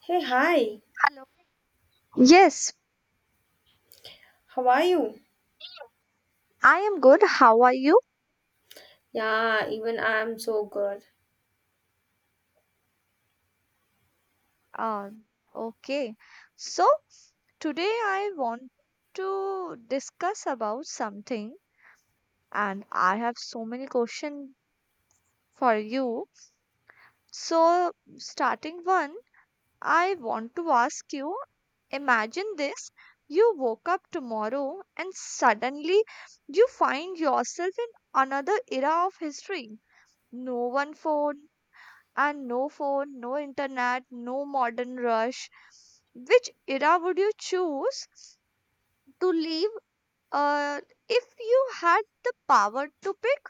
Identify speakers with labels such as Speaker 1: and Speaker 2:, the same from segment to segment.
Speaker 1: Hey, hi.
Speaker 2: Hello. Yes,
Speaker 1: How are you?
Speaker 2: I am good. How are you?
Speaker 1: Yeah, even I'm so good.
Speaker 2: Uh, okay. So today I want to discuss about something, and I have so many questions for you. So starting one, I want to ask you. Imagine this: you woke up tomorrow, and suddenly you find yourself in another era of history. No one phone, and no phone, no internet, no modern rush. Which era would you choose to leave uh, if you had the power to pick?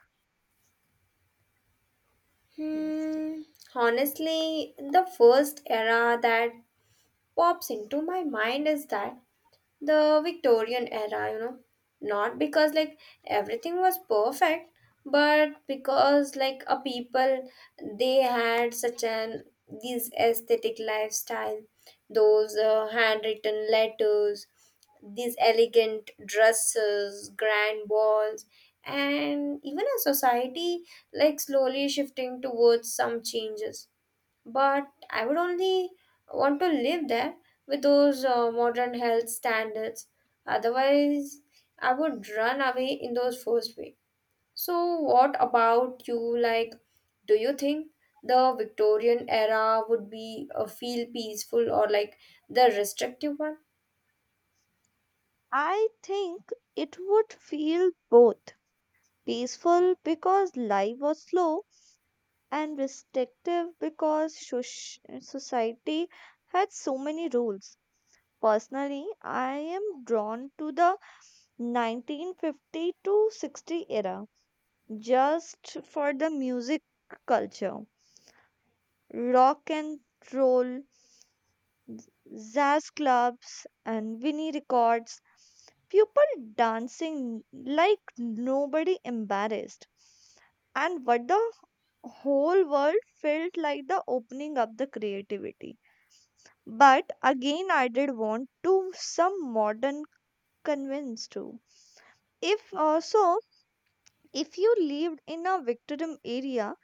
Speaker 1: Hmm, Honestly, the first era that pops into my mind is that the Victorian era, you know. Not because like everything was perfect, but because like a people they had such an these aesthetic lifestyle, those handwritten letters, these elegant dresses, grand balls, and even a society like slowly shifting towards some changes. But I would only want to live there with those modern health standards. Otherwise, I would run away in those first way. So, what about you? Like, do you think the Victorian era would be a feel peaceful or like the restrictive one?
Speaker 2: I think it would feel both peaceful because life was slow and restrictive because society had so many rules. Personally, I am drawn to the 1950 to 60 era just for the music culture, rock and roll, z- jazz clubs, and Vinnie records, people dancing like nobody embarrassed. And what the whole world felt like the opening up the creativity. But again, I did want to some modern convince too. If also, if you lived in a Victorian area,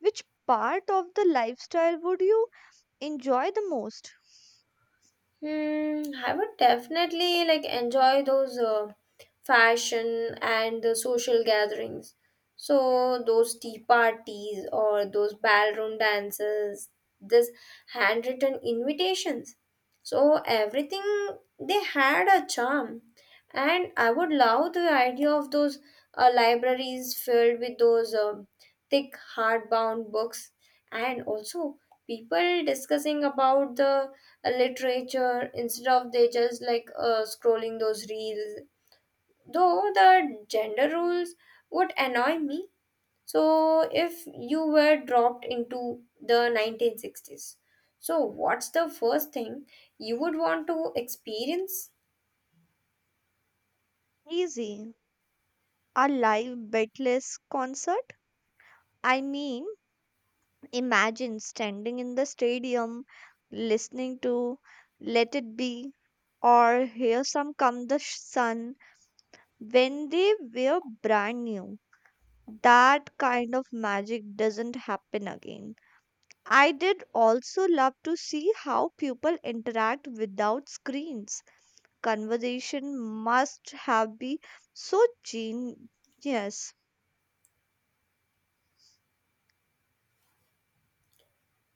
Speaker 2: which part of the lifestyle would you enjoy the most?
Speaker 1: I would definitely like enjoy those fashion and the social gatherings. So those tea parties or those ballroom dances, this handwritten invitations. So everything they had a charm, and I would love the idea of those libraries filled with those thick hardbound books, and also people discussing about the literature instead of they just like scrolling those reels, though the gender rules would annoy me. So if you were dropped into the 1960s, so what's the first thing you would want to experience?
Speaker 2: Easy. A live beatless concert? I mean, imagine standing in the stadium listening to Let It Be or Here Some Come the Sun when they were brand new. That kind of magic doesn't happen again. I did also love to see how people interact without screens. Conversation must have been so genius.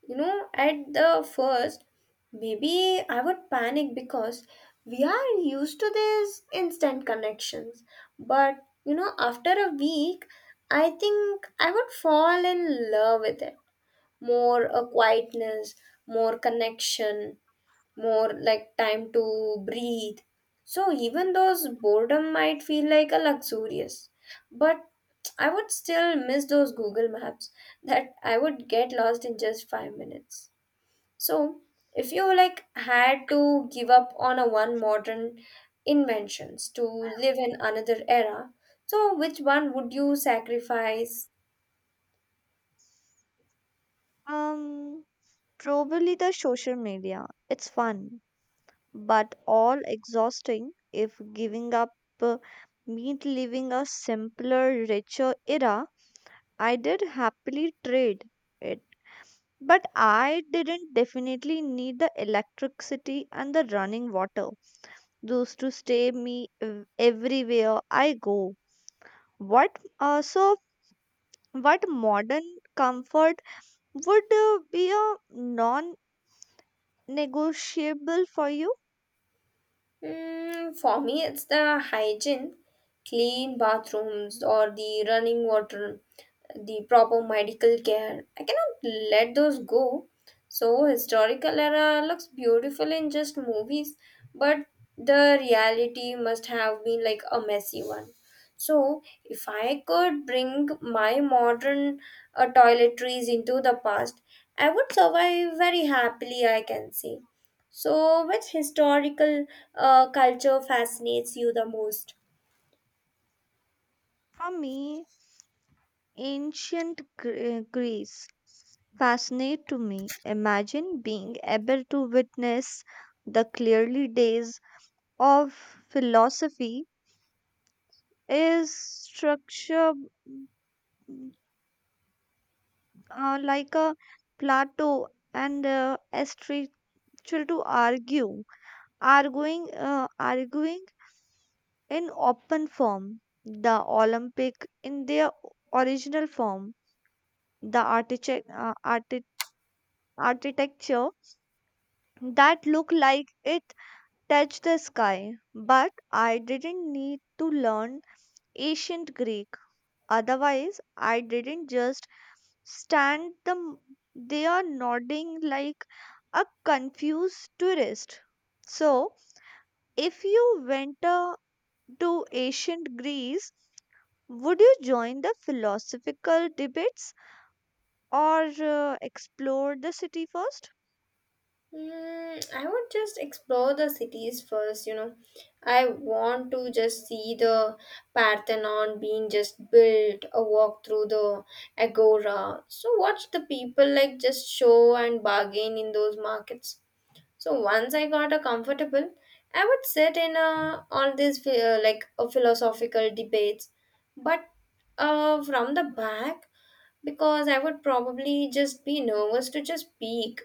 Speaker 1: You know, at the first, maybe I would panic because we are used to these instant connections. But you know, after a week, I think I would fall in love with it. More a quietness, more connection, more like time to breathe. So even those boredom might feel like a luxurious, but I would still miss those Google Maps that I would get lost in just 5 minutes. So, if you like had to give up on a one modern inventions to live in another era, so which one would you sacrifice?
Speaker 2: Um, Probably the social media. It's fun, but all exhausting if giving up uh, meant living a simpler, richer era. I did happily trade it, but I didn't definitely need the electricity and the running water. Those to stay me everywhere I go. What uh, so What modern comfort would be a non negotiable for you?
Speaker 1: Mm, for me, it's the hygiene, clean bathrooms, or the running water, the proper medical care. I cannot let those go. So, historical era looks beautiful in just movies, but the reality must have been like a messy one. So, if I could bring my modern toiletries into the past, I would survive very happily, I can say. So, which historical culture fascinates you the most?
Speaker 2: For me, ancient Greece fascinate to me. Imagine being able to witness the clearly days of philosophy is structure mm, like a Plato and Aristotle to arguing in open form, the Olympic in their original form, the architecture that looked like it touched the sky. But I didn't need to learn ancient Greek. Otherwise, I didn't just stand them there nodding like a confused tourist. So, if you went to ancient Greece, would you join the philosophical debates or explore the city first?
Speaker 1: Mm, I would just explore the cities first, you know. I want to just see the Parthenon being just built, a walk through the Agora. So, watch the people like just show and bargain in those markets. So, once I got a comfortable, I would sit in a, all these like a philosophical debates, but from the back because I would probably just be nervous to just speak.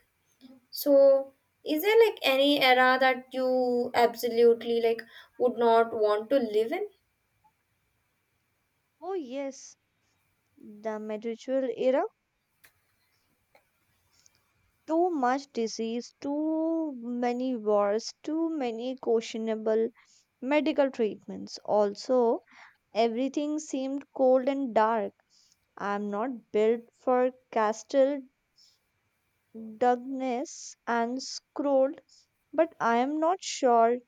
Speaker 1: So, is there like any era that you absolutely like would not want to live in?
Speaker 2: Oh, yes, the medieval era. Too much disease, too many wars, too many questionable medical treatments. Also, everything seemed cold and dark. I'm not built for castle darkness and scrolled, but I am not sure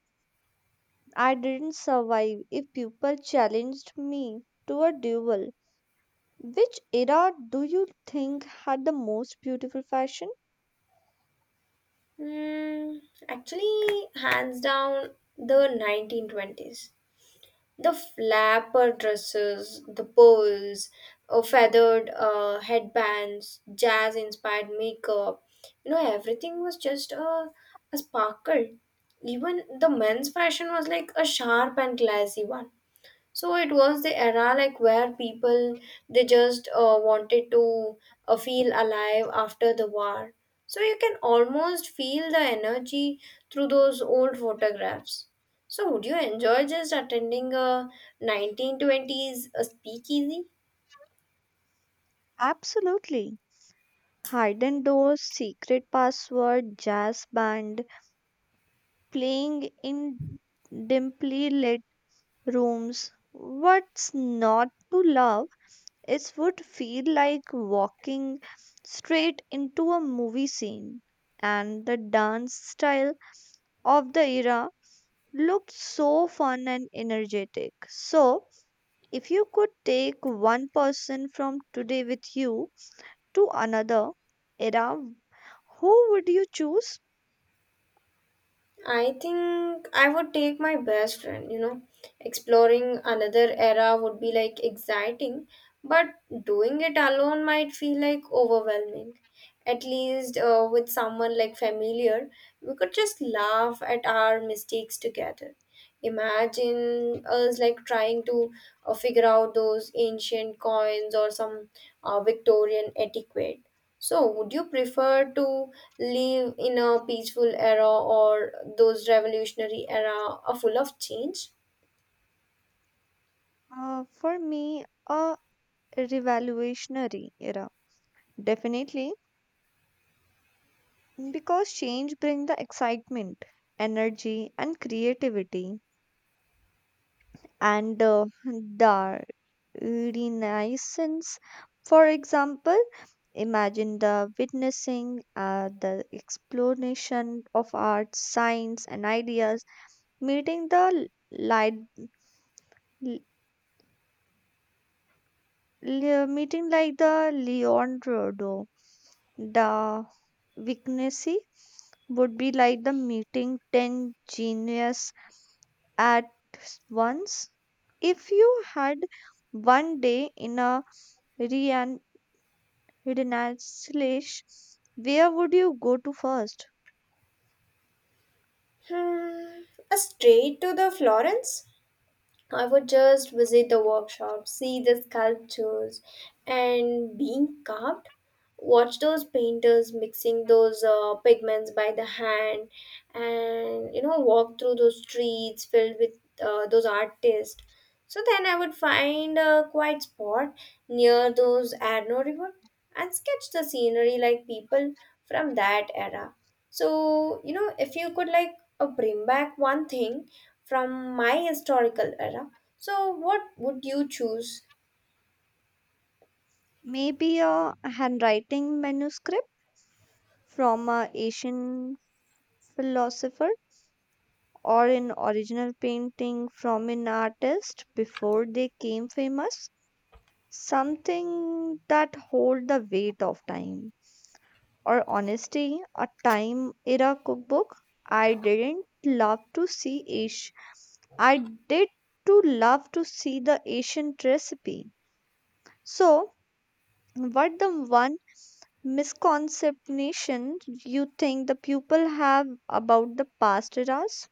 Speaker 2: I didn't survive if people challenged me to a duel. Which era do you think had the most beautiful fashion?
Speaker 1: Hmm, Actually, hands down, the 1920s. The flapper dresses, the pearls, feathered headbands, jazz inspired makeup. You know, everything was just a sparkle. Even the men's fashion was like a sharp and classy one. So it was the era like where people they just wanted to feel alive after the war. So you can almost feel the energy through those old photographs. So would you enjoy just attending a 1920s a speakeasy?
Speaker 2: Absolutely. Hidden doors, secret password, jazz band, playing in dimly lit rooms. What's not to love? It would feel like walking straight into a movie scene. And the dance style of the era looked so fun and energetic. So, if you could take one person from today with you to another era, who would you choose?
Speaker 1: I think I would take my best friend, you know. Exploring another era would be like exciting, but doing it alone might feel like overwhelming. At least with someone like familiar, we could just laugh at our mistakes together. Imagine us like trying to figure out those ancient coins or some Victorian etiquette. So, would you prefer to live in a peaceful era or those revolutionary era are full of change?
Speaker 2: For me, a revolutionary era. Definitely, because change brings the excitement, energy, and creativity. And the renaissance, for example, imagine the witnessing, the explanation of art, science, and ideas, meeting the light, meeting like the Leonardo da Vinci would be like the meeting 10 genius at once. If you had 1 day in a rean- renaissance, where would you go to first?
Speaker 1: Hmm, a straight to the Florence? I would just visit the workshop, see the sculptures and being carved, watch those painters mixing those pigments by the hand, and you know, walk through those streets filled with those artists. So then I would find a quiet spot near those Arno River and sketch the scenery like people from that era. So, you know, if you could like bring back one thing from my historical era. So, what would you choose?
Speaker 2: Maybe a handwriting manuscript from a Asian philosopher or an original painting from an artist before they came famous. Something that hold the weight of time. Or honesty, a time era cookbook. I didn't love to see Asia. I did to love to see the Asian recipe. So, what the one misconception you think the people have about the past eras?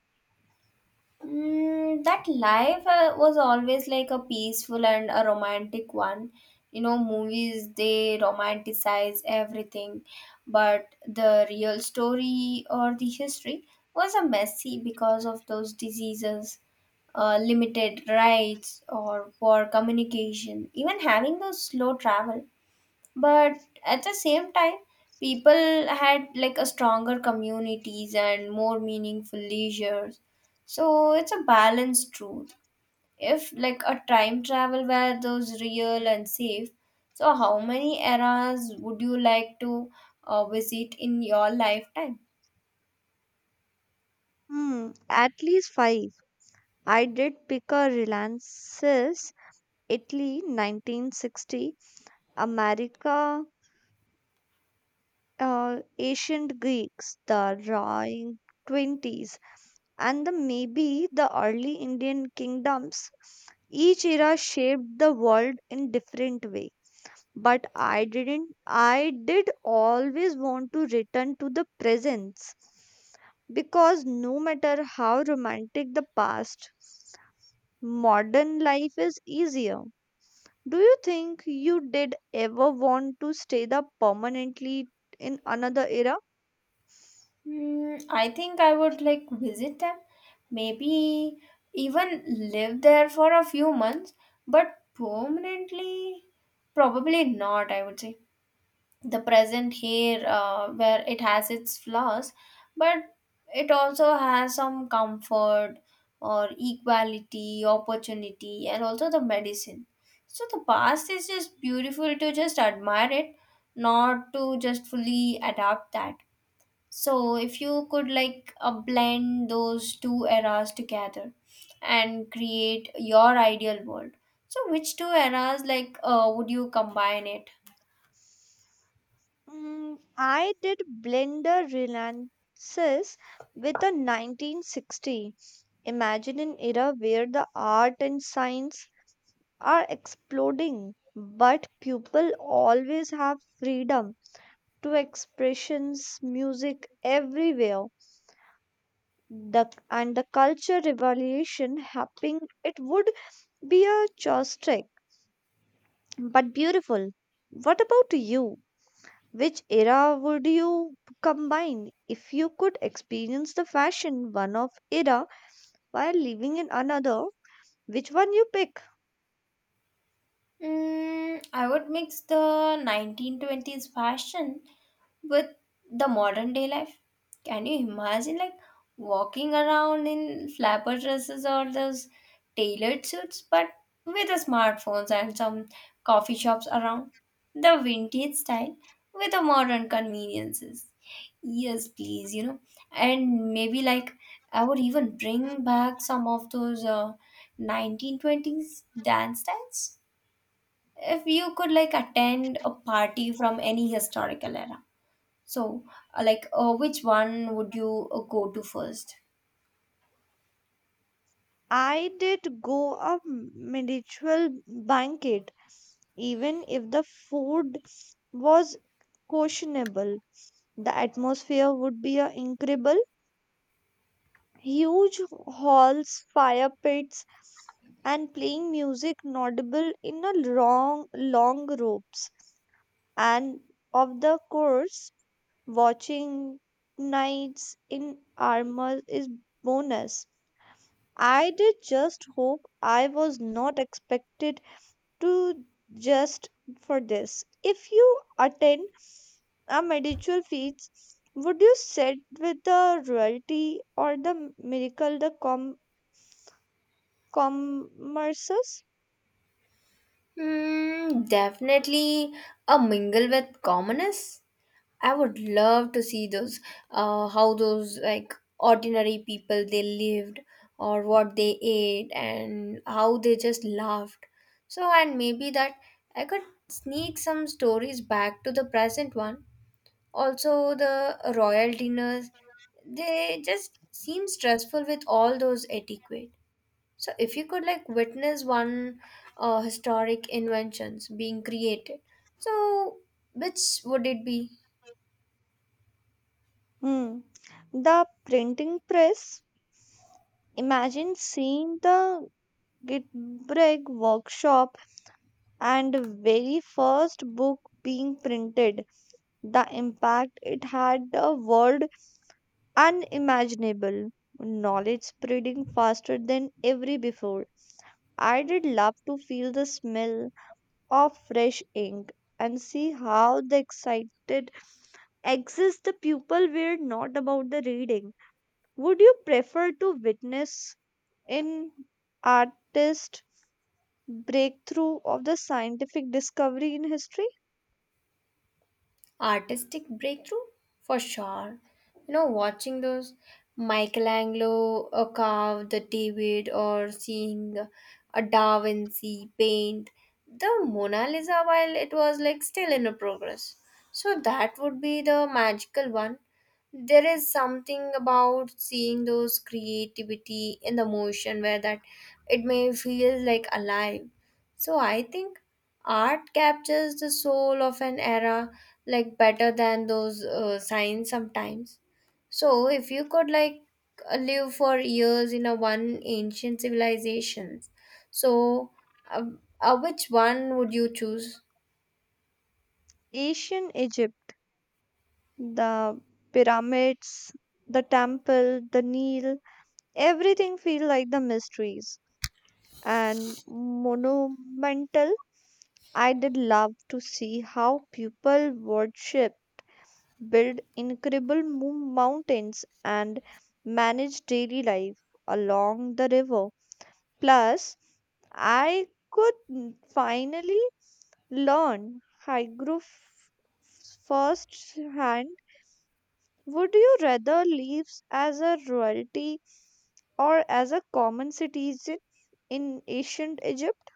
Speaker 1: Mm, that life was always like a peaceful and a romantic one. You know, movies they romanticize everything, but the real story or the history was a messy because of those diseases, limited rights, or poor communication. Even having those slow travel, but at the same time people had like a stronger communities and more meaningful leisures. So it's a balanced truth. If like a time travel were those real and safe, so how many eras would you like to visit in your lifetime?
Speaker 2: Hmm, at least 5. I did pick a Reliance's Italy 1960, America, ancient Greeks, the roaring '20s, and the maybe the early Indian kingdoms. Each era shaped the world in different way. But I didn't. I did always want to return to the presence because no matter how romantic the past, modern life is easier. Do you think you did ever want to stay there permanently in another era?
Speaker 1: I think I would like visit them, maybe even live there for a few months, but permanently, probably not, I would say. The present here where it has its flaws, but it also has some comfort or equality opportunity and also the medicine. So the past is just beautiful to just admire it, not to just fully adapt that. So if you could like blend those two eras together and create your ideal world, so which two eras like would you combine it?
Speaker 2: Mm, I did blender relances with a 1960. Imagine an era where the art and science are exploding, but people always have freedom to expressions, music everywhere. The and the culture revolution happening, it would be a chaotic but beautiful. What about you? Which era would you combine if you could experience the fashion one of era while living in another? Which one you pick?
Speaker 1: Mm, I would mix the 1920s fashion with the modern day life. Can you imagine, like, walking around in flapper dresses or those tailored suits, but with the smartphones and some coffee shops around? The vintage style with the modern conveniences. Yes, please, you know. And maybe, like, I would even bring back some of those 1920s dance styles. If you could like attend a party from any historical era, so like which one would you go to first?
Speaker 2: I did go a medieval banquet. Even if the food was questionable, the atmosphere would be incredible. Huge halls, fire pits, and playing music audible in a long, long ropes. And of the course, watching knights in armor is bonus. I did just hope I was not expected to just for this. If you attend a medieval feast, would you sit with the royalty or the miracle, the commerces?
Speaker 1: Definitely a mingle with commoners. I would love to see those, how those like ordinary people they lived or what they ate and how they just laughed. So, and maybe that I could sneak some stories back to the present one. Also, the royal dinners they just seem stressful with all those etiquette. So if you could like witness one historic inventions being created, so which would it be?
Speaker 2: Hmm. The printing press. Imagine seeing the Gutenberg workshop and very first book being printed. The impact it had the world unimaginable knowledge spreading faster than ever before. I did love to feel the smell of fresh ink and see how the excited exits the pupil were not about the reading. Would you prefer to witness an artist breakthrough of the scientific discovery in history?
Speaker 1: Artistic breakthrough, for sure. You know, watching those Michelangelo carve the David or seeing a Da Vinci paint the Mona Lisa while it was like still in a progress, so that would be the magical one. There is something about seeing those creativity in the motion where that it may feel like alive. So I think art captures the soul of an era like better than those signs sometimes. So if you could like live for years in a one ancient civilizations, so uh, which one would you choose?
Speaker 2: Ancient Egypt, the pyramids, the temple, the Nile, everything feel like the mysteries and monumental. I did love to see how people worship, build incredible mountains, and manage daily life along the river. Plus, I could finally learn hygroph first hand. Would you rather live as a royalty or as a common citizen in ancient Egypt?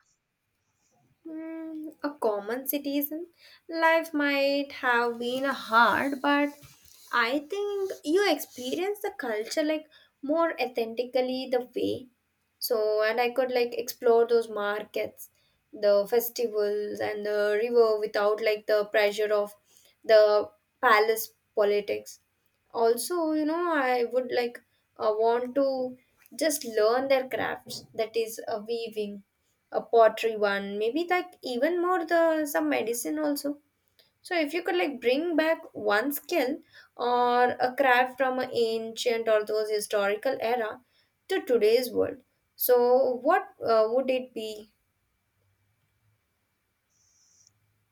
Speaker 1: Mm, a common citizen, life might have been hard, but I think you experience the culture like more authentically the way. So, and I could like explore those markets, the festivals, and the river without like the pressure of the palace politics. Also, you know, I would like want to just learn their crafts that is, weaving a pottery one, maybe like even more the some medicine also. So if you could like bring back one skill or a craft from an ancient or those historical era to today's world, so what would it be?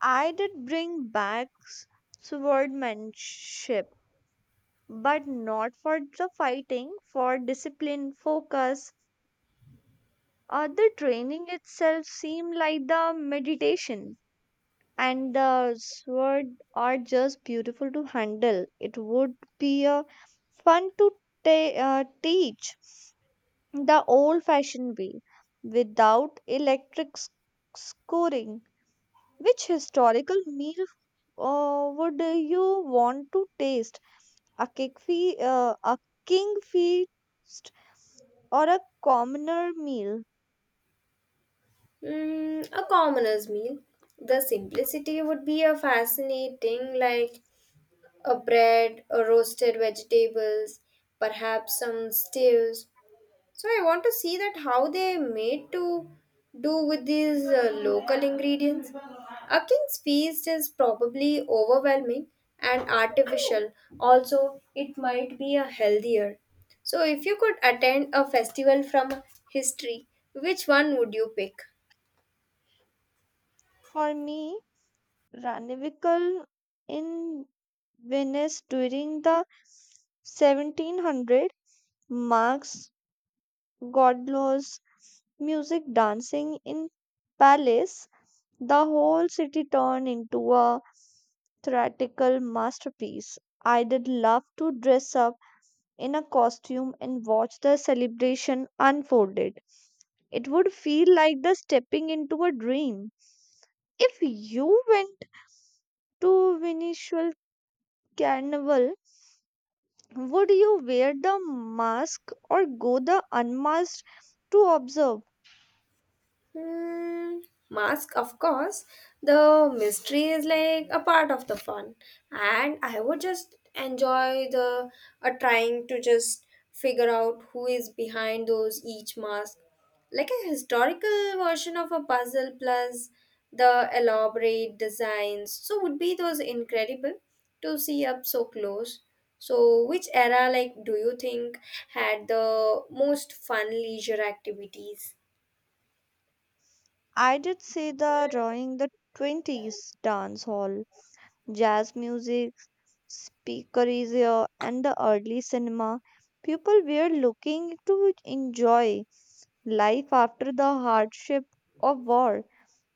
Speaker 2: I did bring back swordmanship, but not for the fighting, for discipline, focus, or the training itself seemed like the meditation. And the sword are just beautiful to handle. It would be a fun to teach the old-fashioned way without electric scoring. Which historical meal would you want to taste? a kick a king feast, or a commoner meal.
Speaker 1: Mm, a commoner's meal. The simplicity would be a fascinating, like a bread, a roasted vegetables, perhaps some stews. So I want to see that how they made to do with these local ingredients. A king's feast is probably overwhelming and artificial. Also, it might be a healthier. So if you could attend a festival from history, which one would you pick?
Speaker 2: For me, Ranivikal in Venice during the 1700 marks Godlaw's music dancing in Palace. The whole city turned into a theatrical masterpiece. I did love to dress up in a costume and watch the celebration unfolded. It would feel like the stepping into a dream. If you went to Venetian Carnival, would you wear the mask or go the unmasked to observe?
Speaker 1: Hmm, Mask, of course. The mystery is like a part of the fun, and I would just enjoy the trying to just figure out who is behind those each mask, like a historical version of a puzzle plus the elaborate designs. So would be those incredible to see up so close. So which era like do you think had the most fun leisure activities?
Speaker 2: I did see the drawing the '20s dance hall, jazz music, speakeasy, and the early cinema. People were looking to enjoy life after the hardship of war,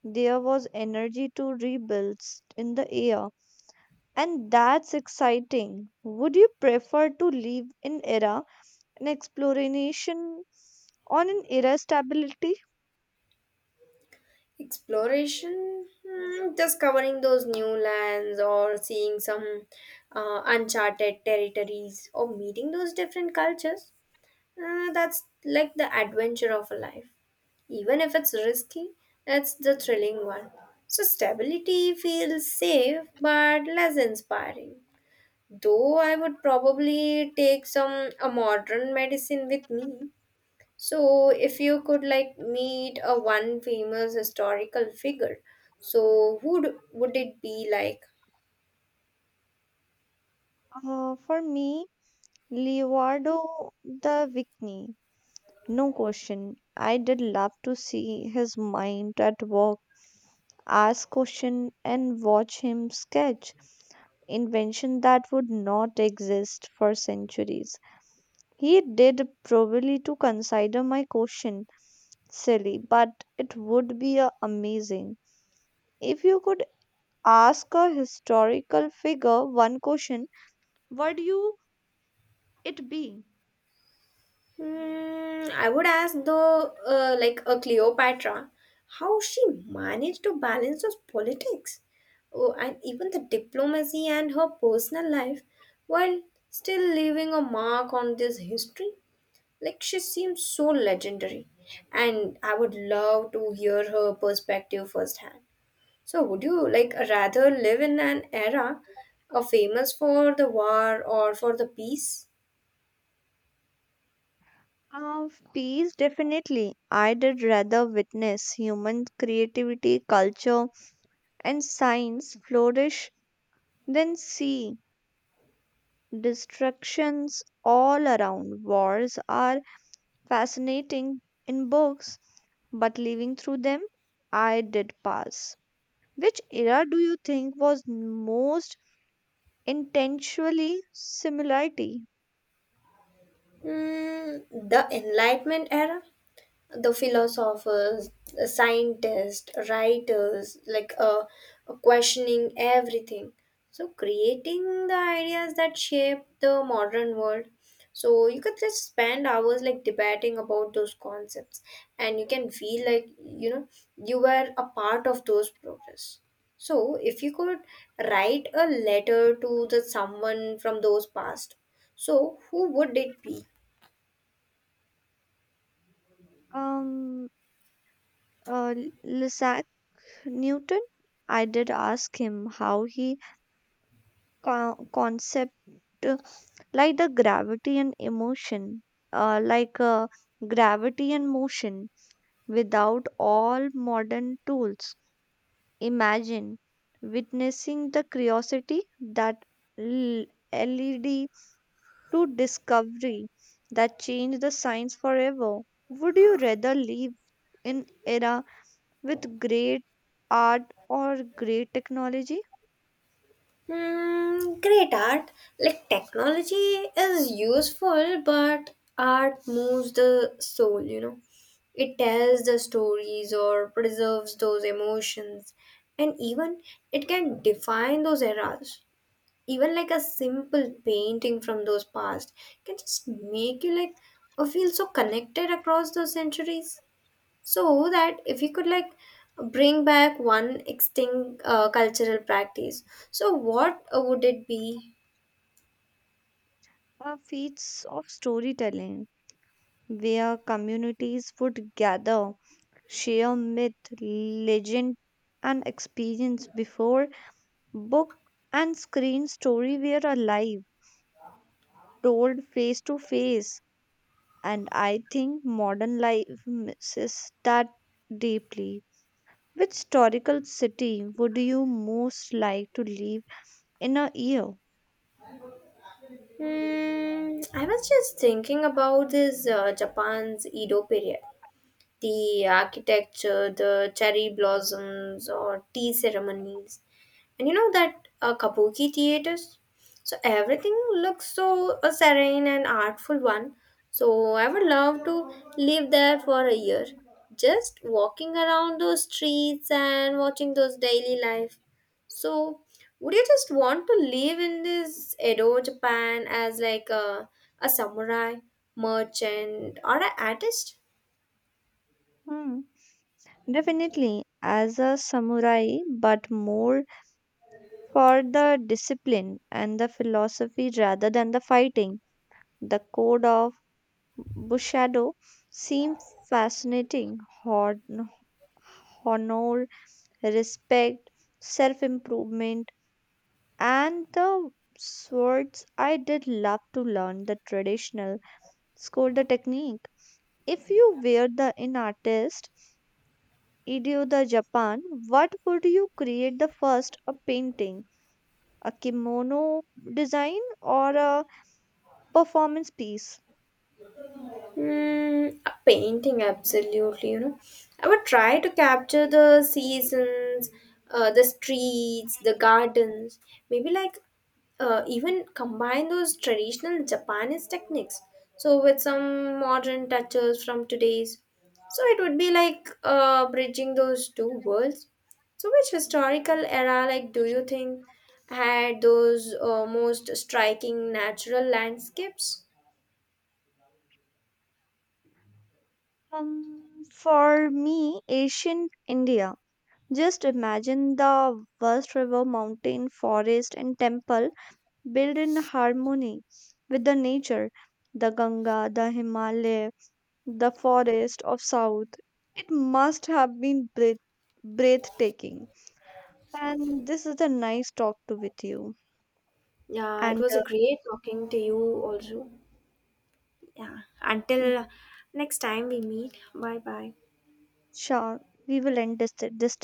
Speaker 2: there was energy to rebuild in the air, and that's exciting. Would you prefer to live in era an exploration on an era stability?
Speaker 1: Exploration, just covering those new lands or seeing some uncharted territories or meeting those different cultures. That's like the adventure of a life. Even if it's risky, that's the thrilling one. So, stability feels safe but less inspiring. Though I would probably take some a modern medicine with me. So, if you could like meet a one famous historical figure, so who would it be like?
Speaker 2: For me, Leonardo da Vinci, no question. I did love to see his mind at work, ask question, and watch him sketch. Invention that would not exist for centuries. He did probably to consider my question silly, but it would be amazing. If you could ask a historical figure one question, would you it be?
Speaker 1: I would ask the like a Cleopatra, how she managed to balance those politics, oh, and even the diplomacy and her personal life, while still leaving a mark on this history. Like she seems so legendary, and I would love to hear her perspective firsthand. So would you like rather live in an era of famous for the war or for the peace?
Speaker 2: Of peace, definitely. I did rather witness human creativity, culture, and science flourish than see destructions all around. Wars are fascinating in books, but living through them, I did pass. Which era do you think was most intentionally similarity?
Speaker 1: Mm, the Enlightenment era? The philosophers, the scientists, writers, like questioning everything. So, creating the ideas that shape the modern world. So, you could just spend hours like debating about those concepts, and you can feel like you know you were a part of those progress. So, if you could write a letter to the someone from those past, so who would it be?
Speaker 2: Um, uh, Isaac Newton. I did ask him how he concept uh, like the gravity and emotion, uh, like uh, gravity and motion without all modern tools. Imagine witnessing the curiosity that l- LED to discovery that changed the science forever. Would you rather live in era with great art or great technology
Speaker 1: Great art. Like technology is useful, but art moves the soul, you know. It tells the stories or preserves those emotions, and even it can define those eras. Even like a simple painting from those past can just make you like feel so connected across those centuries. So that if we could like bring back one extinct cultural practice, so what would it be?
Speaker 2: or feats of storytelling where communities would gather, share myth, legend and experience before book and screen story were alive? Told face to face. And I think modern life misses that deeply. Which historical city would you most like to live in a year?
Speaker 1: I was just thinking about this Japan's Edo period. The architecture, the cherry blossoms, or tea ceremonies, and you know that kabuki theaters. So everything looks so serene and artful one. So I would love to live there for a year, just walking around those streets and watching those daily life. So would you just want to live in this Edo Japan as like a samurai merchant or an artist?
Speaker 2: Hmm. Definitely as a samurai, but more for the discipline and the philosophy rather than the fighting. The code of Bushido seems fascinating. Honor, respect, self improvement and the swords I did love to learn the traditional score the technique if you were the in artist idio the japan what would you create the first a painting a kimono design or a performance piece
Speaker 1: Mm, a painting, absolutely. You know, I would try to capture the seasons, the streets, the gardens. Maybe like even combine those traditional Japanese techniques. So with some modern touches from today's. So it would be like bridging those two worlds. So which historical era, like, do you think had those most striking natural landscapes?
Speaker 2: for me asian india just imagine the vast river mountain forest and temple built in harmony with the nature, the Ganga, the Himalaya, the forest of South. It must have been breathtaking. And this is a nice talk to with you.
Speaker 1: Yeah, it
Speaker 2: And
Speaker 1: was a great talking to you also. Yeah,
Speaker 2: uh,
Speaker 1: until next time we meet. Bye bye.
Speaker 2: sure, we will end this, this